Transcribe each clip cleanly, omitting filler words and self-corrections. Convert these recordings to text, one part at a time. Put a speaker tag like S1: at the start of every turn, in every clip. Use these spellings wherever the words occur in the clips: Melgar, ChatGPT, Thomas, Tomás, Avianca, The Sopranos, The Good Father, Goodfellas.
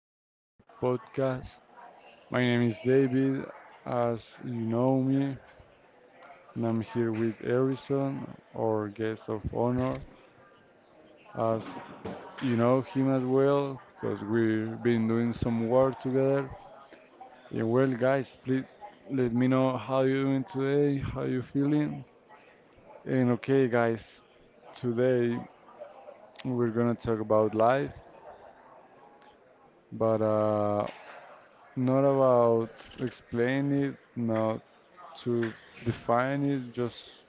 S1: beautiful podcast. My name is David, as you know me, and I'm here with Harrison, our guest of honor, as you know him as well, because we've been doing some work together. And well, guys, please let me know how you're doing today, how you feeling. And okay, guys, today we're gonna talk about life, but Not about explain it, not to define it, just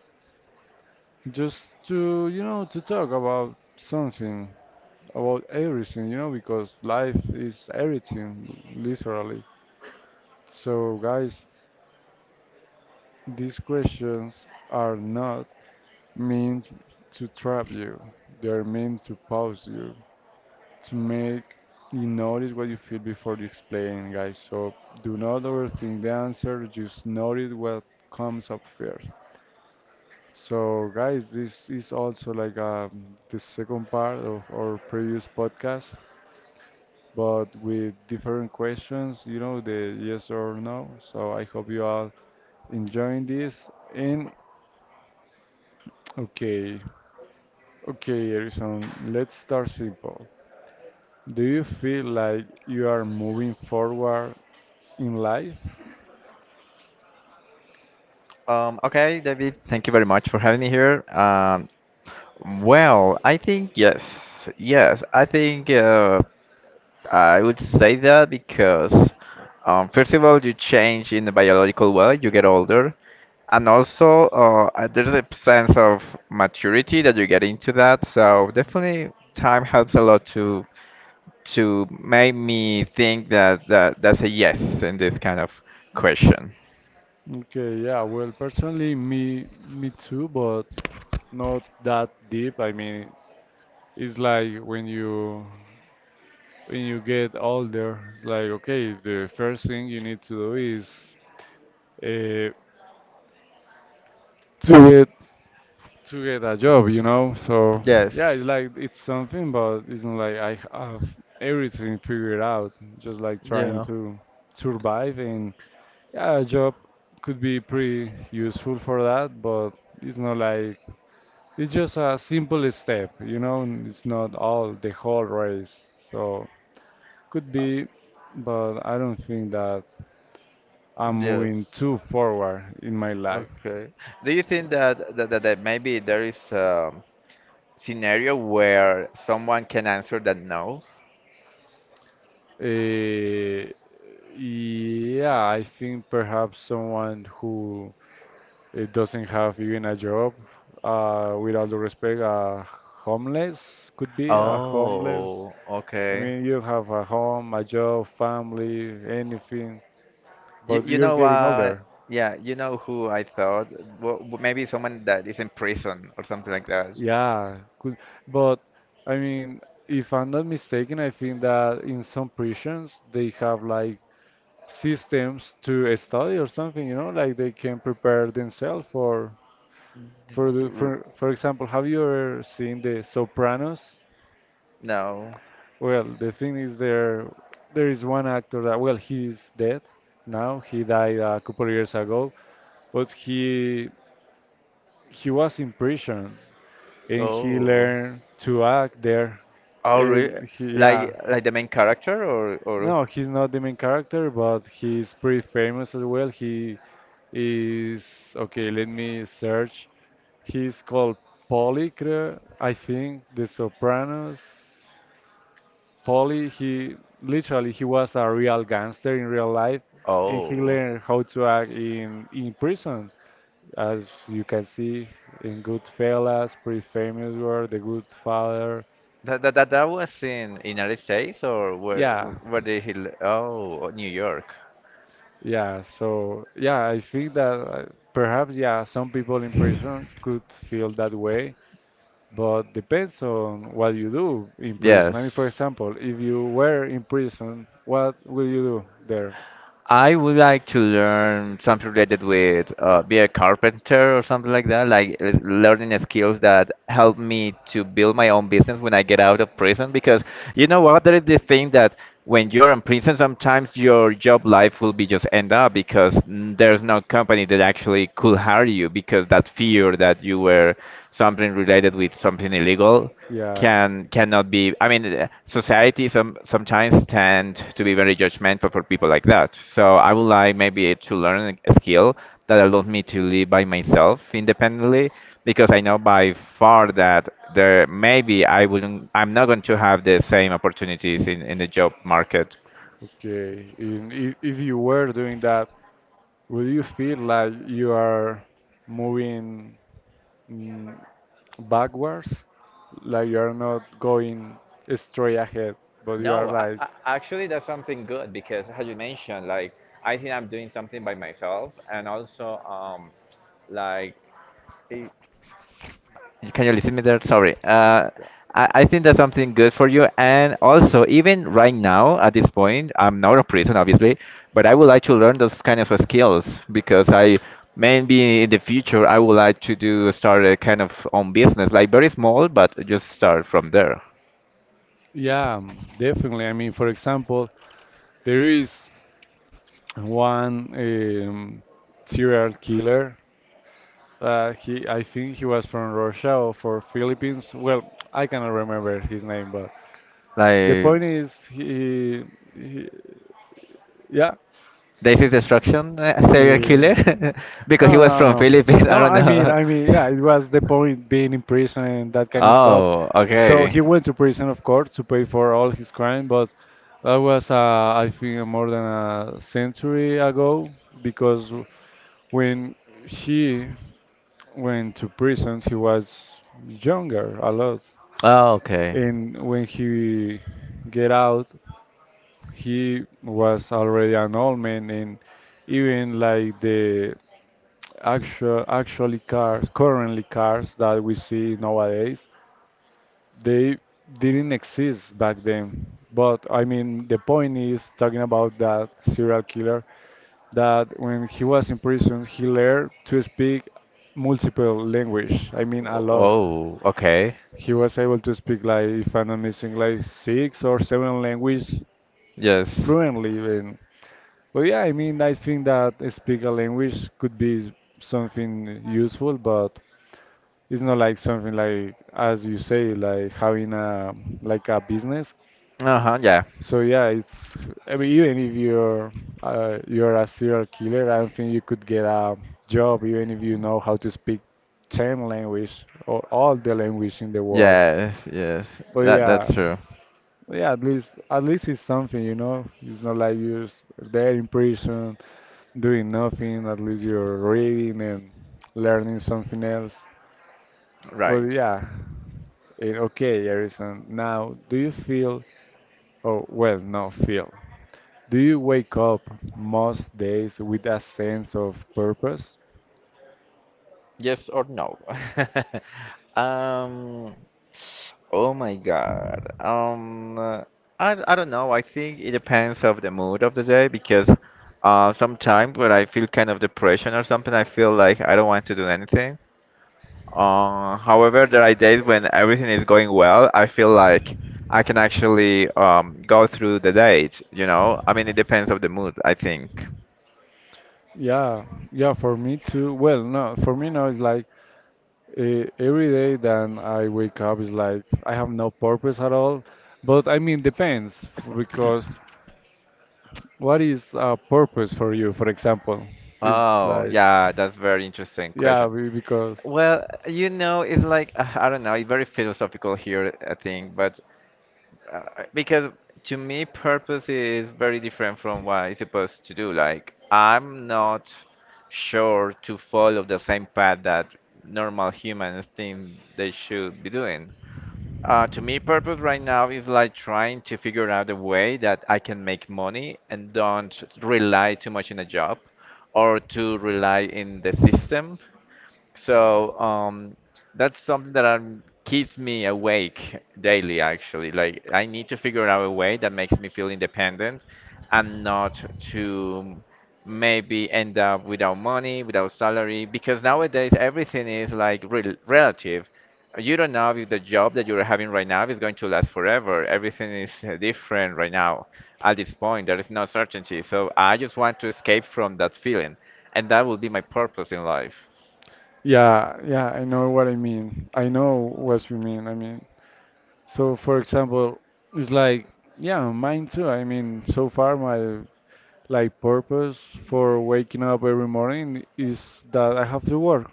S1: just to, you know, to talk about something, about everything, you know, because life is everything, literally. So guys, these questions are not meant to trap you. They are meant to pause you, to make you notice what you feel before you explain, guys. So do not overthink the answer, just notice what comes up first. So, guys, this is also like the second part of our previous podcast, but with different questions, you know, the yes or no. So, I hope you all enjoying this. And okay, okay, Erison, let's start simple. Do you feel like you are moving forward in life?
S2: Okay, David, thank you very much for having me here. Well, I think yes, yes, I think I would say that because first of all, you change in the biological way, you get older, and also there's a sense of maturity that you get into that. So definitely, time helps a lot to make me think that that's a yes in this kind of question.
S1: Okay, yeah, well, personally, me too, but not that deep. I mean, it's like when you get older, it's like okay, the first thing you need to do is uh, to get to get a job, you know. So
S2: Yes.
S1: yeah, it's like it's something, but it's not like I have everything figured out. Just like trying
S2: Yeah.
S1: to survive, and yeah, a job could be pretty useful for that, but it's not like it's just a simple step, you know. It's not all the whole race, so could be, but I don't think that. I'm moving
S2: Yes.
S1: too forward in my life.
S2: Okay. Do you
S1: So,
S2: think that maybe there is a scenario where someone can answer that no?
S1: eh, yeah, I think perhaps someone who doesn't have even a job, with all due respect, homeless could be a homeless.
S2: Oh,
S1: I
S2: okay.
S1: mean, you have a home, a job, family, anything,
S2: You,
S1: but
S2: you
S1: you're
S2: know
S1: getting
S2: what?
S1: older.
S2: Yeah, you know who I thought? Well, maybe someone that is in prison or something like that.
S1: Yeah, could, but I mean, if I'm not mistaken, I think that in some prisons they have like systems to a study or something, you know, like they can prepare themselves for
S2: D- d- r-
S1: for example, have you ever seen The Sopranos?
S2: No.
S1: Well, the thing is there is one actor that well he's dead now. He died a couple of years ago, but he was in prison and he
S2: Oh.
S1: learned to act there.
S2: Oh, really?
S1: And he yeah.
S2: Like the main character or
S1: No, he's not the main character, but he's pretty famous as well. He is okay, let me search. He's called I think, The Sopranos. Polly, he literally he was a real gangster in real life, and
S2: oh.
S1: he learned how to act in prison. As you can see in Goodfellas, pretty famous were The Good Father.
S2: That was in United States or where
S1: Yeah,
S2: where did he? Oh, New York.
S1: yeah, so yeah, I think that perhaps yeah, some people in prison could feel that way, but depends on what you do in prison. I mean,
S2: Yes.
S1: for example, if you were in prison, what will you do there?
S2: I would like to learn something related with be a carpenter or something like that, like learning skills that help me to build my own business when I get out of prison. Because you know what, that is the thing that when you're in prison, sometimes your job life will be just end up because there's no company that actually could hire you because that fear that you were something related with something illegal
S1: Yeah,
S2: cannot be I mean society sometimes tend to be very judgmental for people like that, so I would like maybe to learn a skill that allows me to live by myself independently because I know by far that there maybe I'm not going to have the same opportunities in the job market.
S1: okay. In, if you were doing that, will you feel like you are moving mm, backwards? Like you are not going straight ahead, but you are
S2: No, I,
S1: like
S2: I, actually, that's something good because, as you mentioned, like I think I'm doing something by myself, and also, like can you listen me there? Sorry. I think that's something good for you. And also, even right now, at this point, I'm not a prison, obviously, but I would like to learn those kind of skills because I maybe in the future I would like to do start a kind of own business, like very small, but just start from there.
S1: yeah, definitely. I mean, for example, there is one serial killer. I think he was from Russia or for Philippines. Well, I cannot remember his name, but the
S2: Like
S1: point is, he yeah.
S2: this is destruction, serial
S1: Uh,
S2: killer, because he
S1: no,
S2: was
S1: no,
S2: from
S1: no,
S2: Philippines.
S1: no.
S2: I don't
S1: I mean,
S2: know.
S1: I mean, yeah. It was the point being in prison and that kind of stuff.
S2: Oh,
S1: So
S2: okay.
S1: he went to prison, of course, to pay for all his crime. But that was, I think, more than a century ago because. When he went to prison, he was younger a lot,
S2: Oh, okay.
S1: and when he get out, he was already an old man, and even like the actually cars, currently cars that we see nowadays, they didn't exist back then. But I mean, the point is talking about that serial killer that when he was in prison, he learned to speak multiple language. I mean, a lot.
S2: Oh, okay.
S1: He was able to speak like, if I'm not missing, like six or seven language
S2: Yes.
S1: fluently. And but yeah, I mean, I think that speak a language could be something useful, but it's not like something like, as you say, having a like a business.
S2: Uh-huh, yeah.
S1: So yeah, it's I mean, even if you're a serial killer, I don't think you could get a job even if you know how to speak 10 language or all the language in the world.
S2: Yes, yes.
S1: But
S2: That
S1: yeah,
S2: that's true.
S1: yeah, at least it's something, you know. It's not like there in prison doing nothing. At least you're reading and learning something else. But
S2: Right.
S1: yeah. Okay, Harrison. Now, do you feel, or well, not feel, do you wake up most days with a sense of purpose?
S2: Yes or no? Um, oh my God. I don't know. I think it depends of the mood of the day because sometimes when I feel kind of depression or something, I feel like I don't want to do anything. However, there are days when everything is going well. I feel like I can actually go through the date, you know? I mean, it depends on the mood, I think.
S1: Yeah, yeah, for me too. Well, no, for me now it's like every day that I wake up is like I have no purpose at all. But I mean, because what is a purpose for you, for example? It's
S2: Oh,
S1: like,
S2: yeah, that's very interesting question.
S1: because,
S2: Well, you know, it's like, I don't know, it's very philosophical here, I think, but Uh, because to me, purpose is very different from what I'm supposed to do. Like, I'm not sure to follow the same path that normal humans think they should be doing. To me, purpose right now is like trying to figure out a way that I can make money and don't rely too much on a job or to rely in the system, so that's something that keeps me awake daily, actually. Like, I need to figure out a way that makes me feel independent and not to maybe end up without money, without salary, because nowadays everything is like relative. You don't know if the job that you're having right now is going to last forever. Everything is different right now. At this point, there is no certainty. So I just want to escape from that feeling, and that will be my purpose in life.
S1: yeah, yeah, I know what I mean. I know what you mean. I mean. So, for example, it's like, yeah, mine too. I mean, so far my like purpose for waking up every morning is that I have to work.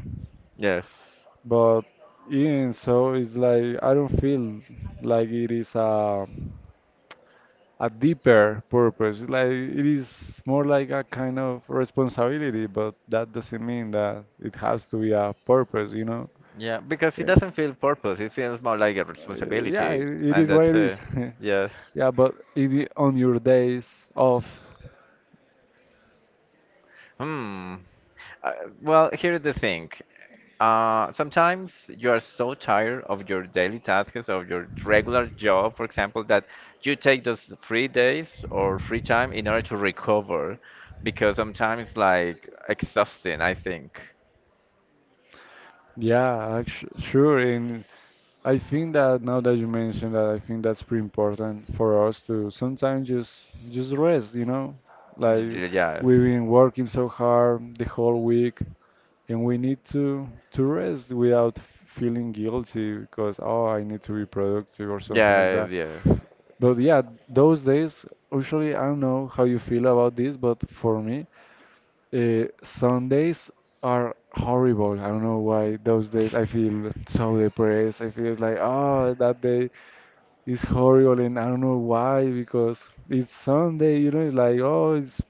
S2: Yes.
S1: But even so, it's like I don't feel like it is a deeper purpose. Like it is more like a kind of responsibility, but that doesn't mean that it has to be a purpose, you know?
S2: Yeah, because it
S1: Yeah,
S2: doesn't feel purpose. It feels more like a
S1: Yeah,
S2: responsibility,
S1: it
S2: and
S1: is what
S2: that's
S1: it is.
S2: yes.
S1: Yeah, on your days off,
S2: Hmm. Uh, well, here's the thing. Sometimes you are so tired of your daily tasks, of your regular job, for example, that you take those free days or free time in order to recover, because sometimes it's like exhausting, I think.
S1: yeah, actu sure. And I think that now that you mentioned that, I think that's pretty important for us to sometimes just rest, you know? Like we've
S2: Yes.
S1: been working so hard the whole week, and we need to rest without feeling guilty because oh, I need to be productive or something like
S2: Yes,
S1: that.
S2: yes.
S1: But yeah, those days, usually, I don't know how you feel about this, but for me, Sundays are horrible. I don't know why those days I feel so depressed. I feel like, oh, that day is horrible, and I don't know why, because it's Sunday, you know, it's like, oh, it's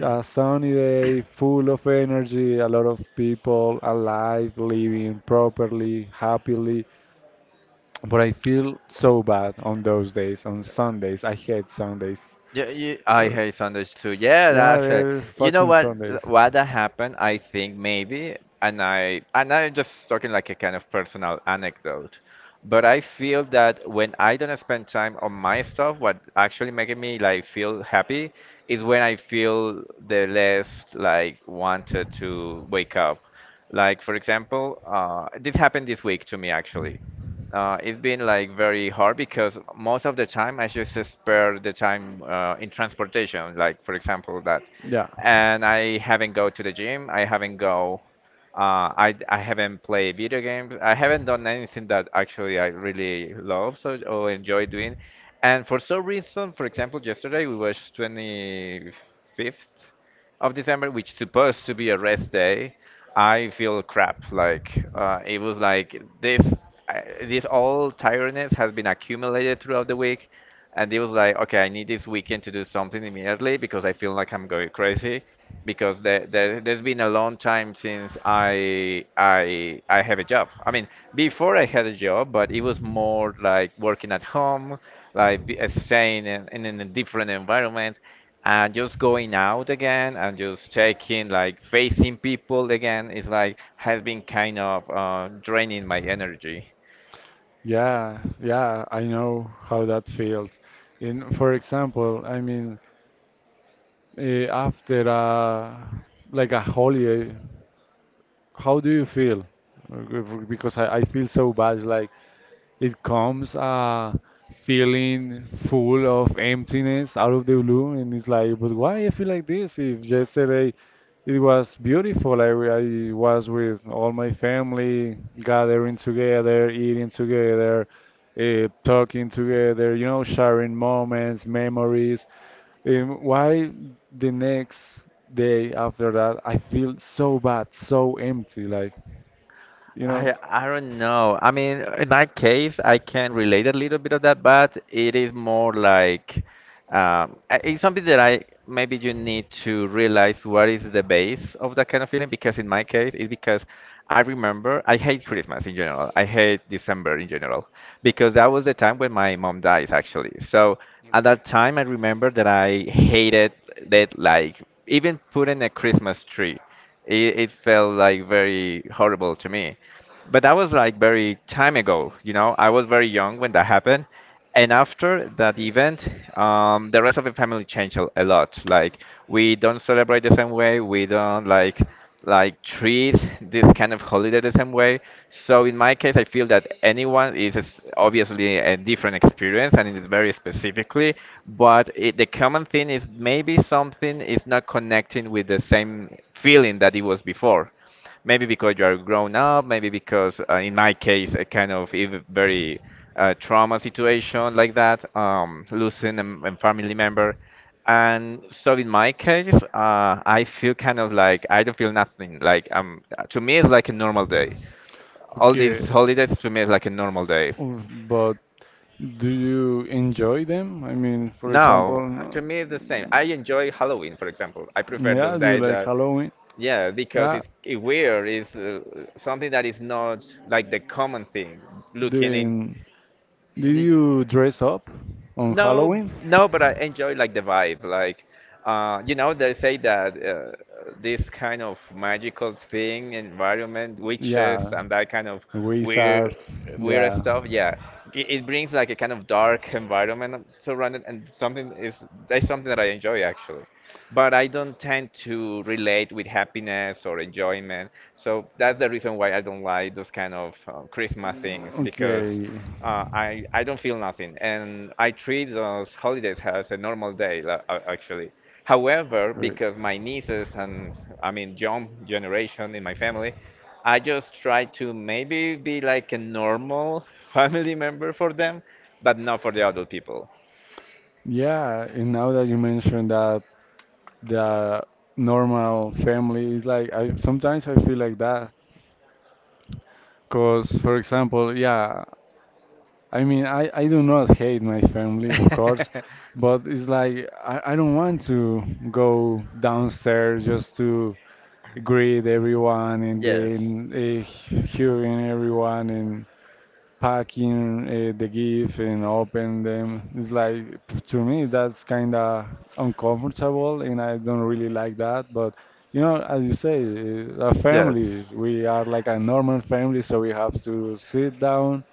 S1: a sunny day, full of energy, a lot of people alive, living properly, happily. But I feel so bad on those days, on Sundays. I hate Sundays.
S2: Yeah, I
S1: Or-
S2: hate Sundays too. Yeah,
S1: Yeah,
S2: that's it.
S1: they're
S2: You know
S1: fucking
S2: what?
S1: Sundays.
S2: What that happened? I think maybe, and I'm just talking like a kind of personal anecdote, but I feel that when I don't spend time on my stuff, what actually making me like feel happy is when I feel the less like wanted to wake up. Like for example, this happened this week to me actually. It's been like very hard because most of the time I just spare the time in transportation, like for example that,
S1: Yeah,
S2: and I haven't go to the gym. I haven't go. I haven't played video games. I haven't done anything that actually I really love so, or enjoy doing. And for some reason, for example, yesterday we was 25th of December, which supposed to be a rest day, I feel crap. Like it was like this, this all tiredness has been accumulated throughout the week, and it was like, okay, I need this weekend to do something immediately because I feel like I'm going crazy. Because there's been a long time since I have a job. I mean, before I had a job, but it was more like working at home, like staying in a different environment and just going out again and just checking like facing people again is like has been kind of draining my energy.
S1: yeah. I know how that feels. In, for example, I mean, after a like a holiday, how do you feel? Uh, Because I feel so bad. Like it comes feeling full of emptiness out of the blue, and it's like, but why I feel like this? If yesterday it was beautiful, I was with all my family, gathering together, eating together, talking together, you know, sharing moments, memories. Why the next day after that I feel so bad, so empty, like, you know?
S2: I don't know. I mean, in my case, I can relate a little bit of that, but it is more like it's something that I maybe you need to realize what is the base of that kind of feeling. Because in my case, it's because I remember I hate Christmas in general. I hate December in general because that was the time when my mom dies actually. So at
S1: Okay.
S2: that time, I remember that I hated that, like even putting a Christmas tree. It felt like very horrible to me. But that was like very time ago, you know. I was very young when that happened. And after that event, the rest of the family changed a lot. Like we don't celebrate the same way. We don't like treat this kind of holiday the same way. So in my case, I feel that anyone is obviously a different experience and it is very specifically, but the common thing is maybe something is not connecting with the same feeling that it was before. Maybe because you are grown up, maybe because, in my case, a kind of very trauma situation like that, losing a family member. And so in my case, I feel kind of like I don't feel nothing. Like to me, it's like a normal day. All these
S1: Okay,
S2: holidays to me is like a normal day.
S1: but do you enjoy them? I mean, for example,
S2: No, to me it's the same. I enjoy Halloween, for example. I prefer those
S1: yeah, do you
S2: days
S1: like
S2: that
S1: Halloween?
S2: yeah, because
S1: Yeah,
S2: it's it weird. It's something that is not like the common thing. Looking in,
S1: then did
S2: the-
S1: you dress up on
S2: no,
S1: Halloween?
S2: no, but I enjoy like the vibe. Like, they say that this kind of magical thing, environment, witches,
S1: Yeah,
S2: and that kind of weird,
S1: wizards.
S2: weird
S1: Yeah,
S2: stuff. Yeah, it brings like a kind of dark environment surrounded, and something is that's something that I enjoy actually, but I don't tend to relate with happiness or enjoyment. So that's the reason why I don't like those kind of Christmas things because
S1: okay.
S2: I don't feel nothing, and I treat those holidays as a normal day actually. However,
S1: Right.
S2: because my nieces and I mean young generation in my family, I just try to maybe be like a normal family member for them, but not for the adult people.
S1: Yeah, and now that you mentioned that the normal family is like, I sometimes I feel like that. Cause for example, yeah, I mean, I do not hate my family, of course, but it's like I don't want to go downstairs just to greet everyone and then
S2: Yes.
S1: uh, hearing everyone and packing the gift and open them. It's like to me that's kind of uncomfortable, and I don't really like that. But you know, as you say, a
S2: Yes.
S1: family, we are like a normal family, so we have to sit down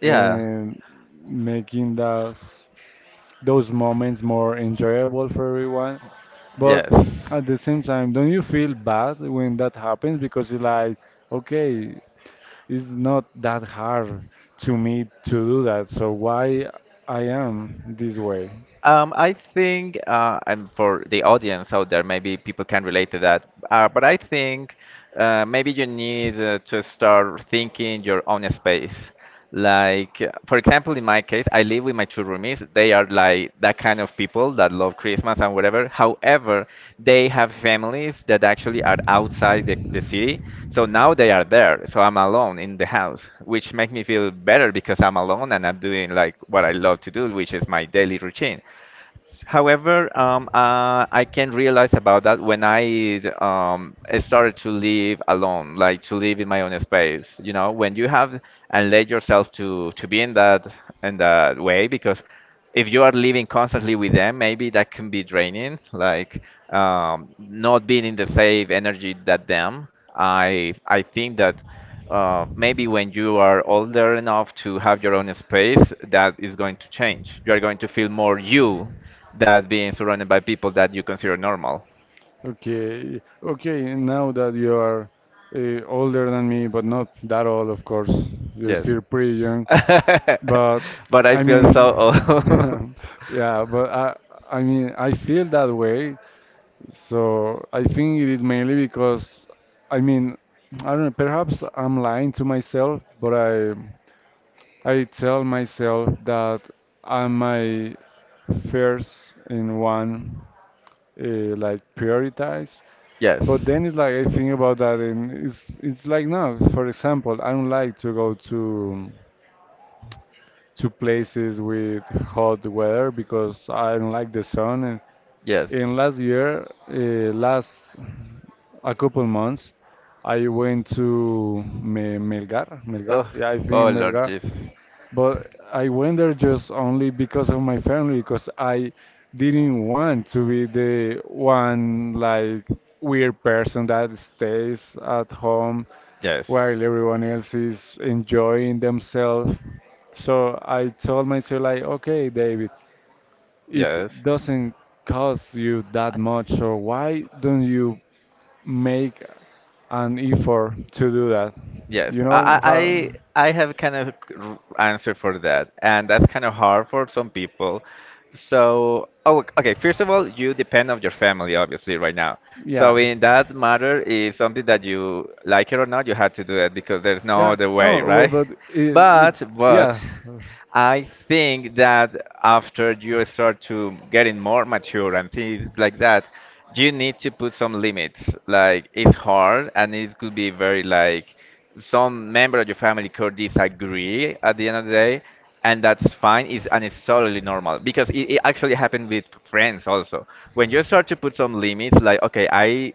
S2: Yeah.
S1: and making those moments more enjoyable for everyone. But
S2: Yes.
S1: at the same time, don't you feel bad when that happens? Because it's like, okay, it's not that hard to me to do that, so why I am this way?
S2: I think, and for the audience out there, maybe people can relate to that. But I think maybe you need to start thinking your own space. Like, for example, in my case, I live with my two roomies. They are like that kind of people that love Christmas and whatever. However, they have families that actually are outside the city. So now they are there. So I'm alone in the house, which makes me feel better because I'm alone and I'm doing like what I love to do, which is my daily routine. However, I can realize about that when I started to live alone, like to live in my own space. When you have and let yourself to be in that way, because if you are living constantly with them, maybe that can be draining. Like not being in the same energy that them. I think that maybe when you are older enough to have your own space, that is going to change. You are going to feel more you that being surrounded by people that you consider normal.
S1: Okay, now that you are older than me, but not that old, of course, you're
S2: Yes.
S1: still pretty young, but
S2: But I
S1: I
S2: feel so old.
S1: mean, yeah, but I mean, I feel that way, so I think it is mainly because, I mean, I don't know, perhaps I'm lying to myself, but I. I tell myself that I'm my first in one like prioritize. But
S2: Yes.
S1: then it's like I think about that and it's like no, for example, I don't like to go to places with hot weather because I don't like the sun.
S2: Yes.
S1: And last year, last a couple months, I went to Me Melgar, Melgar.
S2: Oh,
S1: Yeah, I think
S2: oh Lord
S1: Melgar.
S2: Jesus.
S1: But I went there just only because of my family, because I didn't want to be the one like weird person that stays at home
S2: Yes.
S1: while everyone else is enjoying themselves. So I told myself like, okay, David, it
S2: Yes.
S1: doesn't cost you that much, so why don't you make an effort to do that?
S2: Yes,
S1: You know
S2: I,
S1: how?
S2: I I have kind of answer for that, and that's kind of hard for some people. So, oh, okay. Ok, first of all, you depend on your family, obviously, right now. So,
S1: Yeah.
S2: in that matter, is something that you like it or not, you had to do it because there's no
S1: Yeah.
S2: other way,
S1: Oh, well,
S2: right?
S1: but it,
S2: But.
S1: yeah. uh,
S2: I think that after you start to getting more mature and things like that, you need to put some limits. Like it's hard and it could be very like some member of your family could disagree at the end of the day, and that's fine. It's and it's totally normal because it actually happened with friends also. When you start to put some limits, like okay, I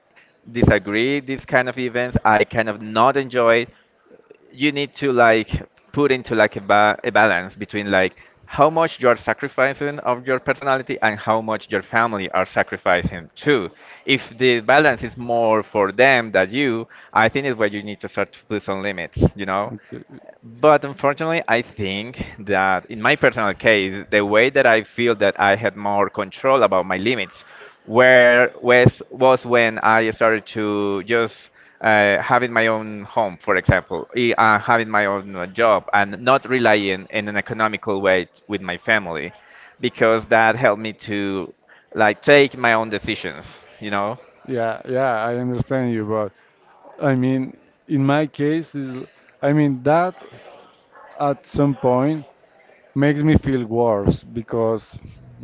S2: disagree these kind of events, I kind of not enjoy it, you need to like put into like a balance between like how much you're sacrificing of your personality and how much your family are sacrificing too. If the balance is more for them than you, I think is where you need to start to put some limits, you know?
S1: Okay.
S2: But unfortunately, I think that in my personal case, the way that I feel that I had more control about my limits where was when I started to just having my own home, for example, having my own job, and not relying in an economical way with my family, because that helped me to like take my own decisions. You know?
S1: Yeah, yeah, I understand you, but I mean, in my case, is I mean that at some point makes me feel worse because,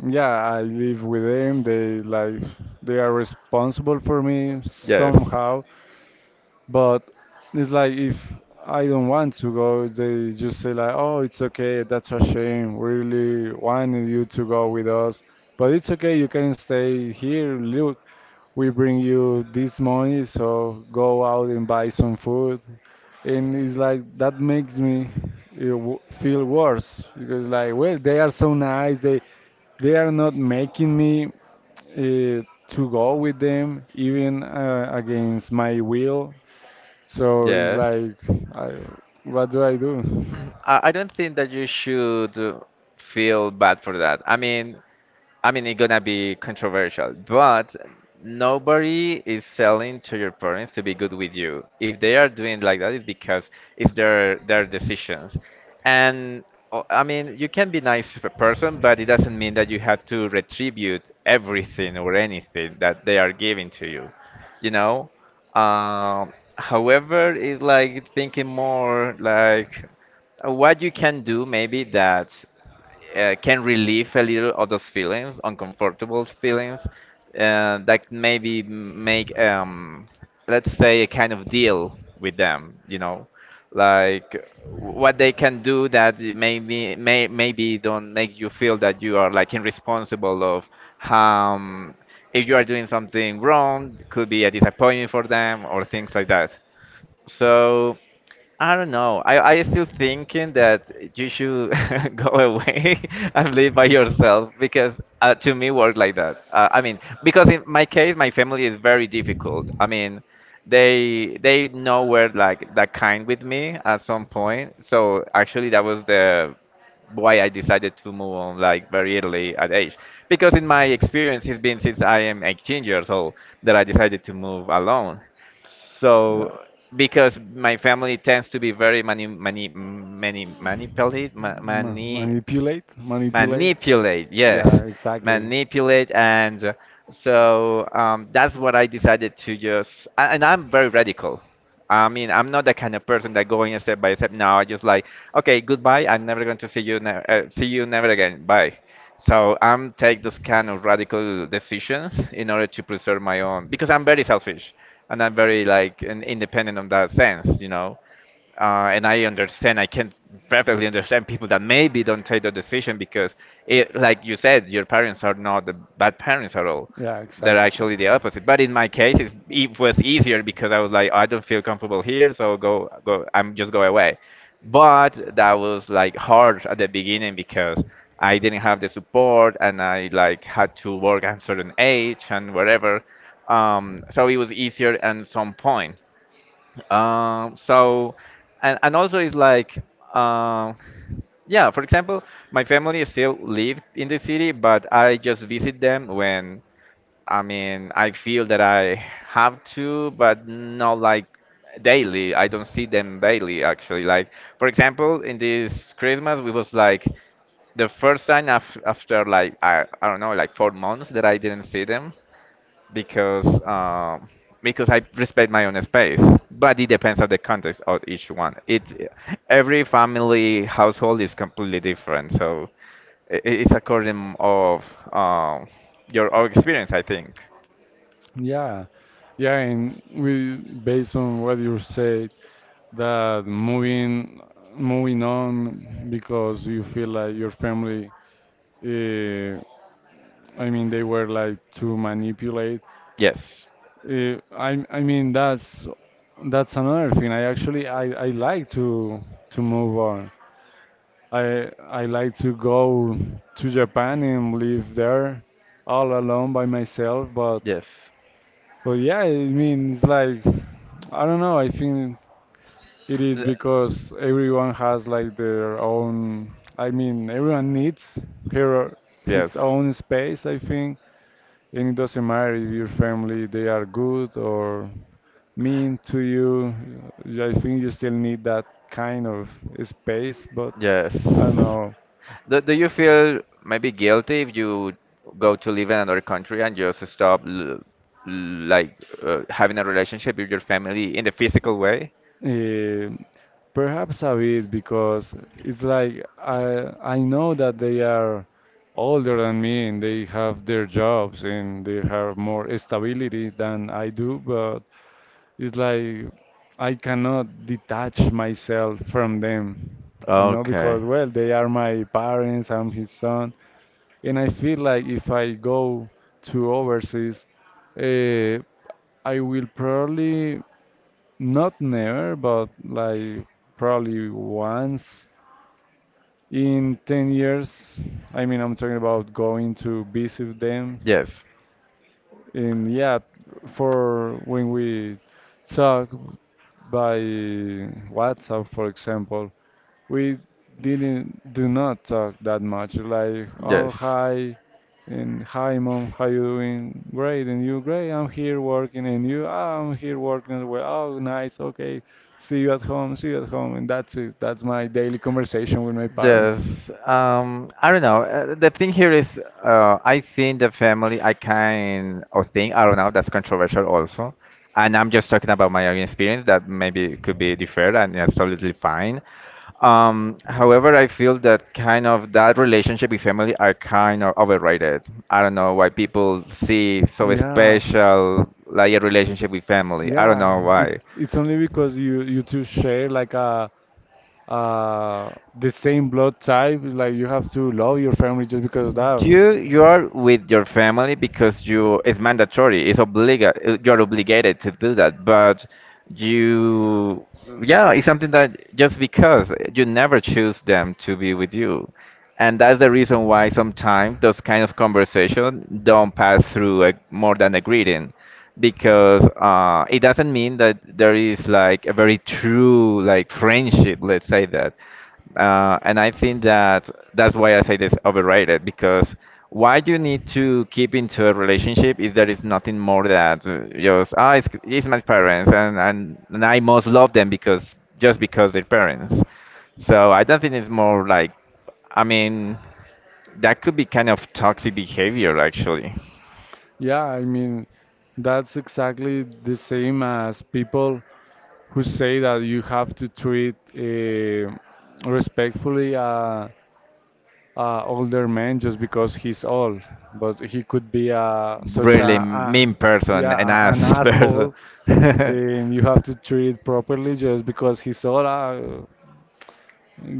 S1: yeah, I live with them. They like they are responsible for me
S2: Yes.
S1: somehow. But it's like if I don't want to go, they just say like, "Oh, it's okay. That's a shame. We really wanted you to go with us, but it's okay. You can stay here. Look, we bring you this money, so go out and buy some food." And it's like that makes me feel worse because like, well, they are so nice. They are not making me uh, to go with them even against my will, so it's
S2: Yes.
S1: like, I, what do I do?
S2: I don't think that you should feel bad for that. I mean, it's gonna be controversial, but nobody is selling to your parents to be good with you. If they are doing like that, it's because it's their decisions. And I mean, you can be nice person, but it doesn't mean that you have to retribute everything or anything that they are giving to you. You know. However, it's like thinking more like what you can do maybe that can relieve a little of those feelings, uncomfortable feelings, that maybe make, let's say, a kind of deal with them, you know, like what they can do that it maybe don't make you feel that you are like irresponsible of um, if you are doing something wrong, could be a disappointment for them or things like that. So. I don't know. I still thinking that you should go away and live by yourself because to me work like that. I mean, because in my case, my family is very difficult. I mean, they know were like that kind with me at some point. So actually, that was the why I decided to move on like very early at age. Because in my experience, it's been since I am 18 years old that I decided to move alone. So
S1: Yeah.
S2: because my family tends to be very manipulative, ma
S1: Ma
S2: mani
S1: manipulate, manipulate.
S2: manipulate yes
S1: Yeah, exactly.
S2: manipulate and so that's what I decided to just and I'm very radical. I mean, I'm not the kind of person that going step by step. Now I just like okay goodbye, I'm never going to see you see you never again, bye. So I'm take those kind of radical decisions in order to preserve my own because I'm very selfish and I'm very like independent on that sense, you know. And I understand, I can perfectly understand people that maybe don't take the decision because, it, like you said, your parents are not the bad parents at all.
S1: Yeah,
S2: They're
S1: exactly.
S2: actually the opposite. But in my case, it's, it was easier because I was like, I don't feel comfortable here, so go, go, I'm just go away. But that was like hard at the beginning because I didn't have the support and I like had to work at a certain age and whatever. So it was easier at some point, so, and also it's like, um, yeah, for example, my family still live in the city, but I just visit them when, I mean, I feel that I have to, but not like daily. I don't see them daily, actually. Like, for example, in this Christmas, we was like, the first time af after like I don't know like 4 months that I didn't see them because um, because I respect my own space, but it depends on the context of each one. It every family household is completely different, so it's according of um, your own experience, I think.
S1: Yeah, yeah, and we based on what you said that moving on because you feel like your family, uh, I mean, they were like too manipulate.
S2: Yes,
S1: I mean that's another thing. I actually I like to move on. I like to go to Japan and live there all alone by myself.
S2: yes,
S1: But yeah, I mean it's like I don't know. I think it is
S2: Th-
S1: because everyone has like their own. I mean everyone needs her his
S2: yes,
S1: own space. I think, and it doesn't matter if your family they are good or mean to you. I think you still need that kind of space, but
S2: yes.
S1: I don't know.
S2: Do you feel maybe guilty if you go to live in another country and just stop l like having a relationship with your family in the physical way?
S1: eh, Perhaps a bit because it's like I know that they are older than me and they have their jobs and they have more stability than I do, but it's like I cannot detach myself from them, you know,
S2: Okay.
S1: because well, they are my parents, I'm his son. And I feel like if I go to overseas, uh, I will probably not never, but like probably once in 10 years. I mean, I'm talking about going to visit them.
S2: Yes,
S1: And yeah, for when we talk by WhatsApp, for example, we didn't do not talk that much. Like, oh
S2: yes,
S1: hi, and hi mom, how you doing? Great, and you great. I'm here working, and you, "Ah, I'm here working as well. Oh nice, okay. See you at home. See you at home," and that's it. That's my daily conversation with my parents.
S2: yes. I don't know. The thing here is, I think the family, I kind of think, I don't know, that's controversial also. And I'm just talking about my own experience that maybe could be different and that's totally fine. However, I feel that kind of that relationship with family are kind of overrated. I don't know why people see so
S1: Yeah,
S2: special like a relationship with family. I don't
S1: yeah.
S2: know why.
S1: It's only because you two share like a the same blood type. Like you have to love your family just because of that.
S2: You are with your family because you it's mandatory. It's obliga you're obligated to do that. But you yeah, it's something that just because you never choose them to be with you. And that's the reason why sometimes those kind of conversation don't pass through a, more than a greeting because it doesn't mean that there is like a very true like friendship, let's say that. And I think that that's why I say it's overrated because why you need to keep into a relationship is there is nothing more that just ah it's my parents and I must love them because just because they're parents. So I don't think it's more like I mean that could be kind of toxic behavior actually.
S1: Yeah, I mean, that's exactly the same as people who say that you have to treat respectfully a older man just because he's old, but he could be a, such
S2: Really
S1: a
S2: mean person,
S1: yeah
S2: and
S1: a, an
S2: ass person.
S1: asshole, and you have to treat it properly just because he's old.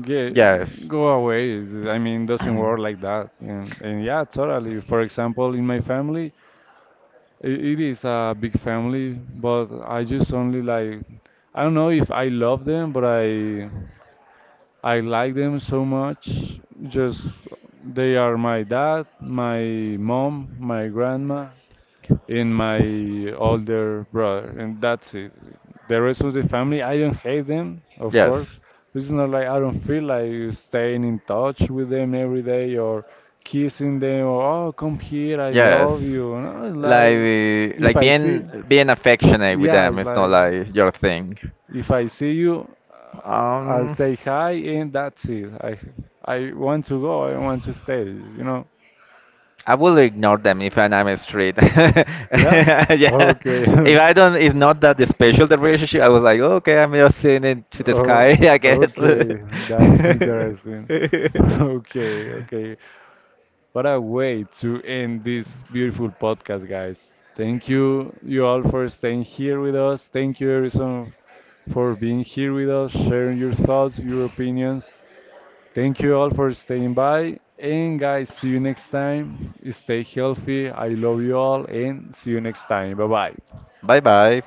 S1: Get,
S2: Yes,
S1: go away. It's, I mean, doesn't work like that. And yeah, totally. For example, in my family. It is a big family, but I just only like I don't know if I love them, but I like them so much. Just they are my dad, my mom, my grandma in my older brother, and that's it. The rest of the family, I don't hate them, of course.
S2: yes.
S1: It's not like I don't feel like staying in touch with them every day or kissing them or oh come here, I love
S2: Yes.
S1: you. No, it's like if
S2: Like
S1: I see,
S2: being affectionate with
S1: yeah,
S2: them
S1: it's
S2: is not
S1: like
S2: like your thing.
S1: if I see you, I'll
S2: Um,
S1: say hi and that's it. I want to go, I want to stay, you know?
S2: I will ignore them if I'm on the street. Yeah,
S1: Yeah? Okay.
S2: if I don't, it's not that special the relationship. I was like, okay, I'm just seeing it to the sky,
S1: Oh,
S2: I guess.
S1: okay, that's interesting. Okay, okay. What a way to end this beautiful podcast, guys. Thank you, you all, for staying here with us. Thank you, Harrison, for being here with us, sharing your thoughts, your opinions. Thank you all for staying by. And, guys, see you next time. Stay healthy. I love you all, and see you next time. Bye bye.
S2: Bye bye.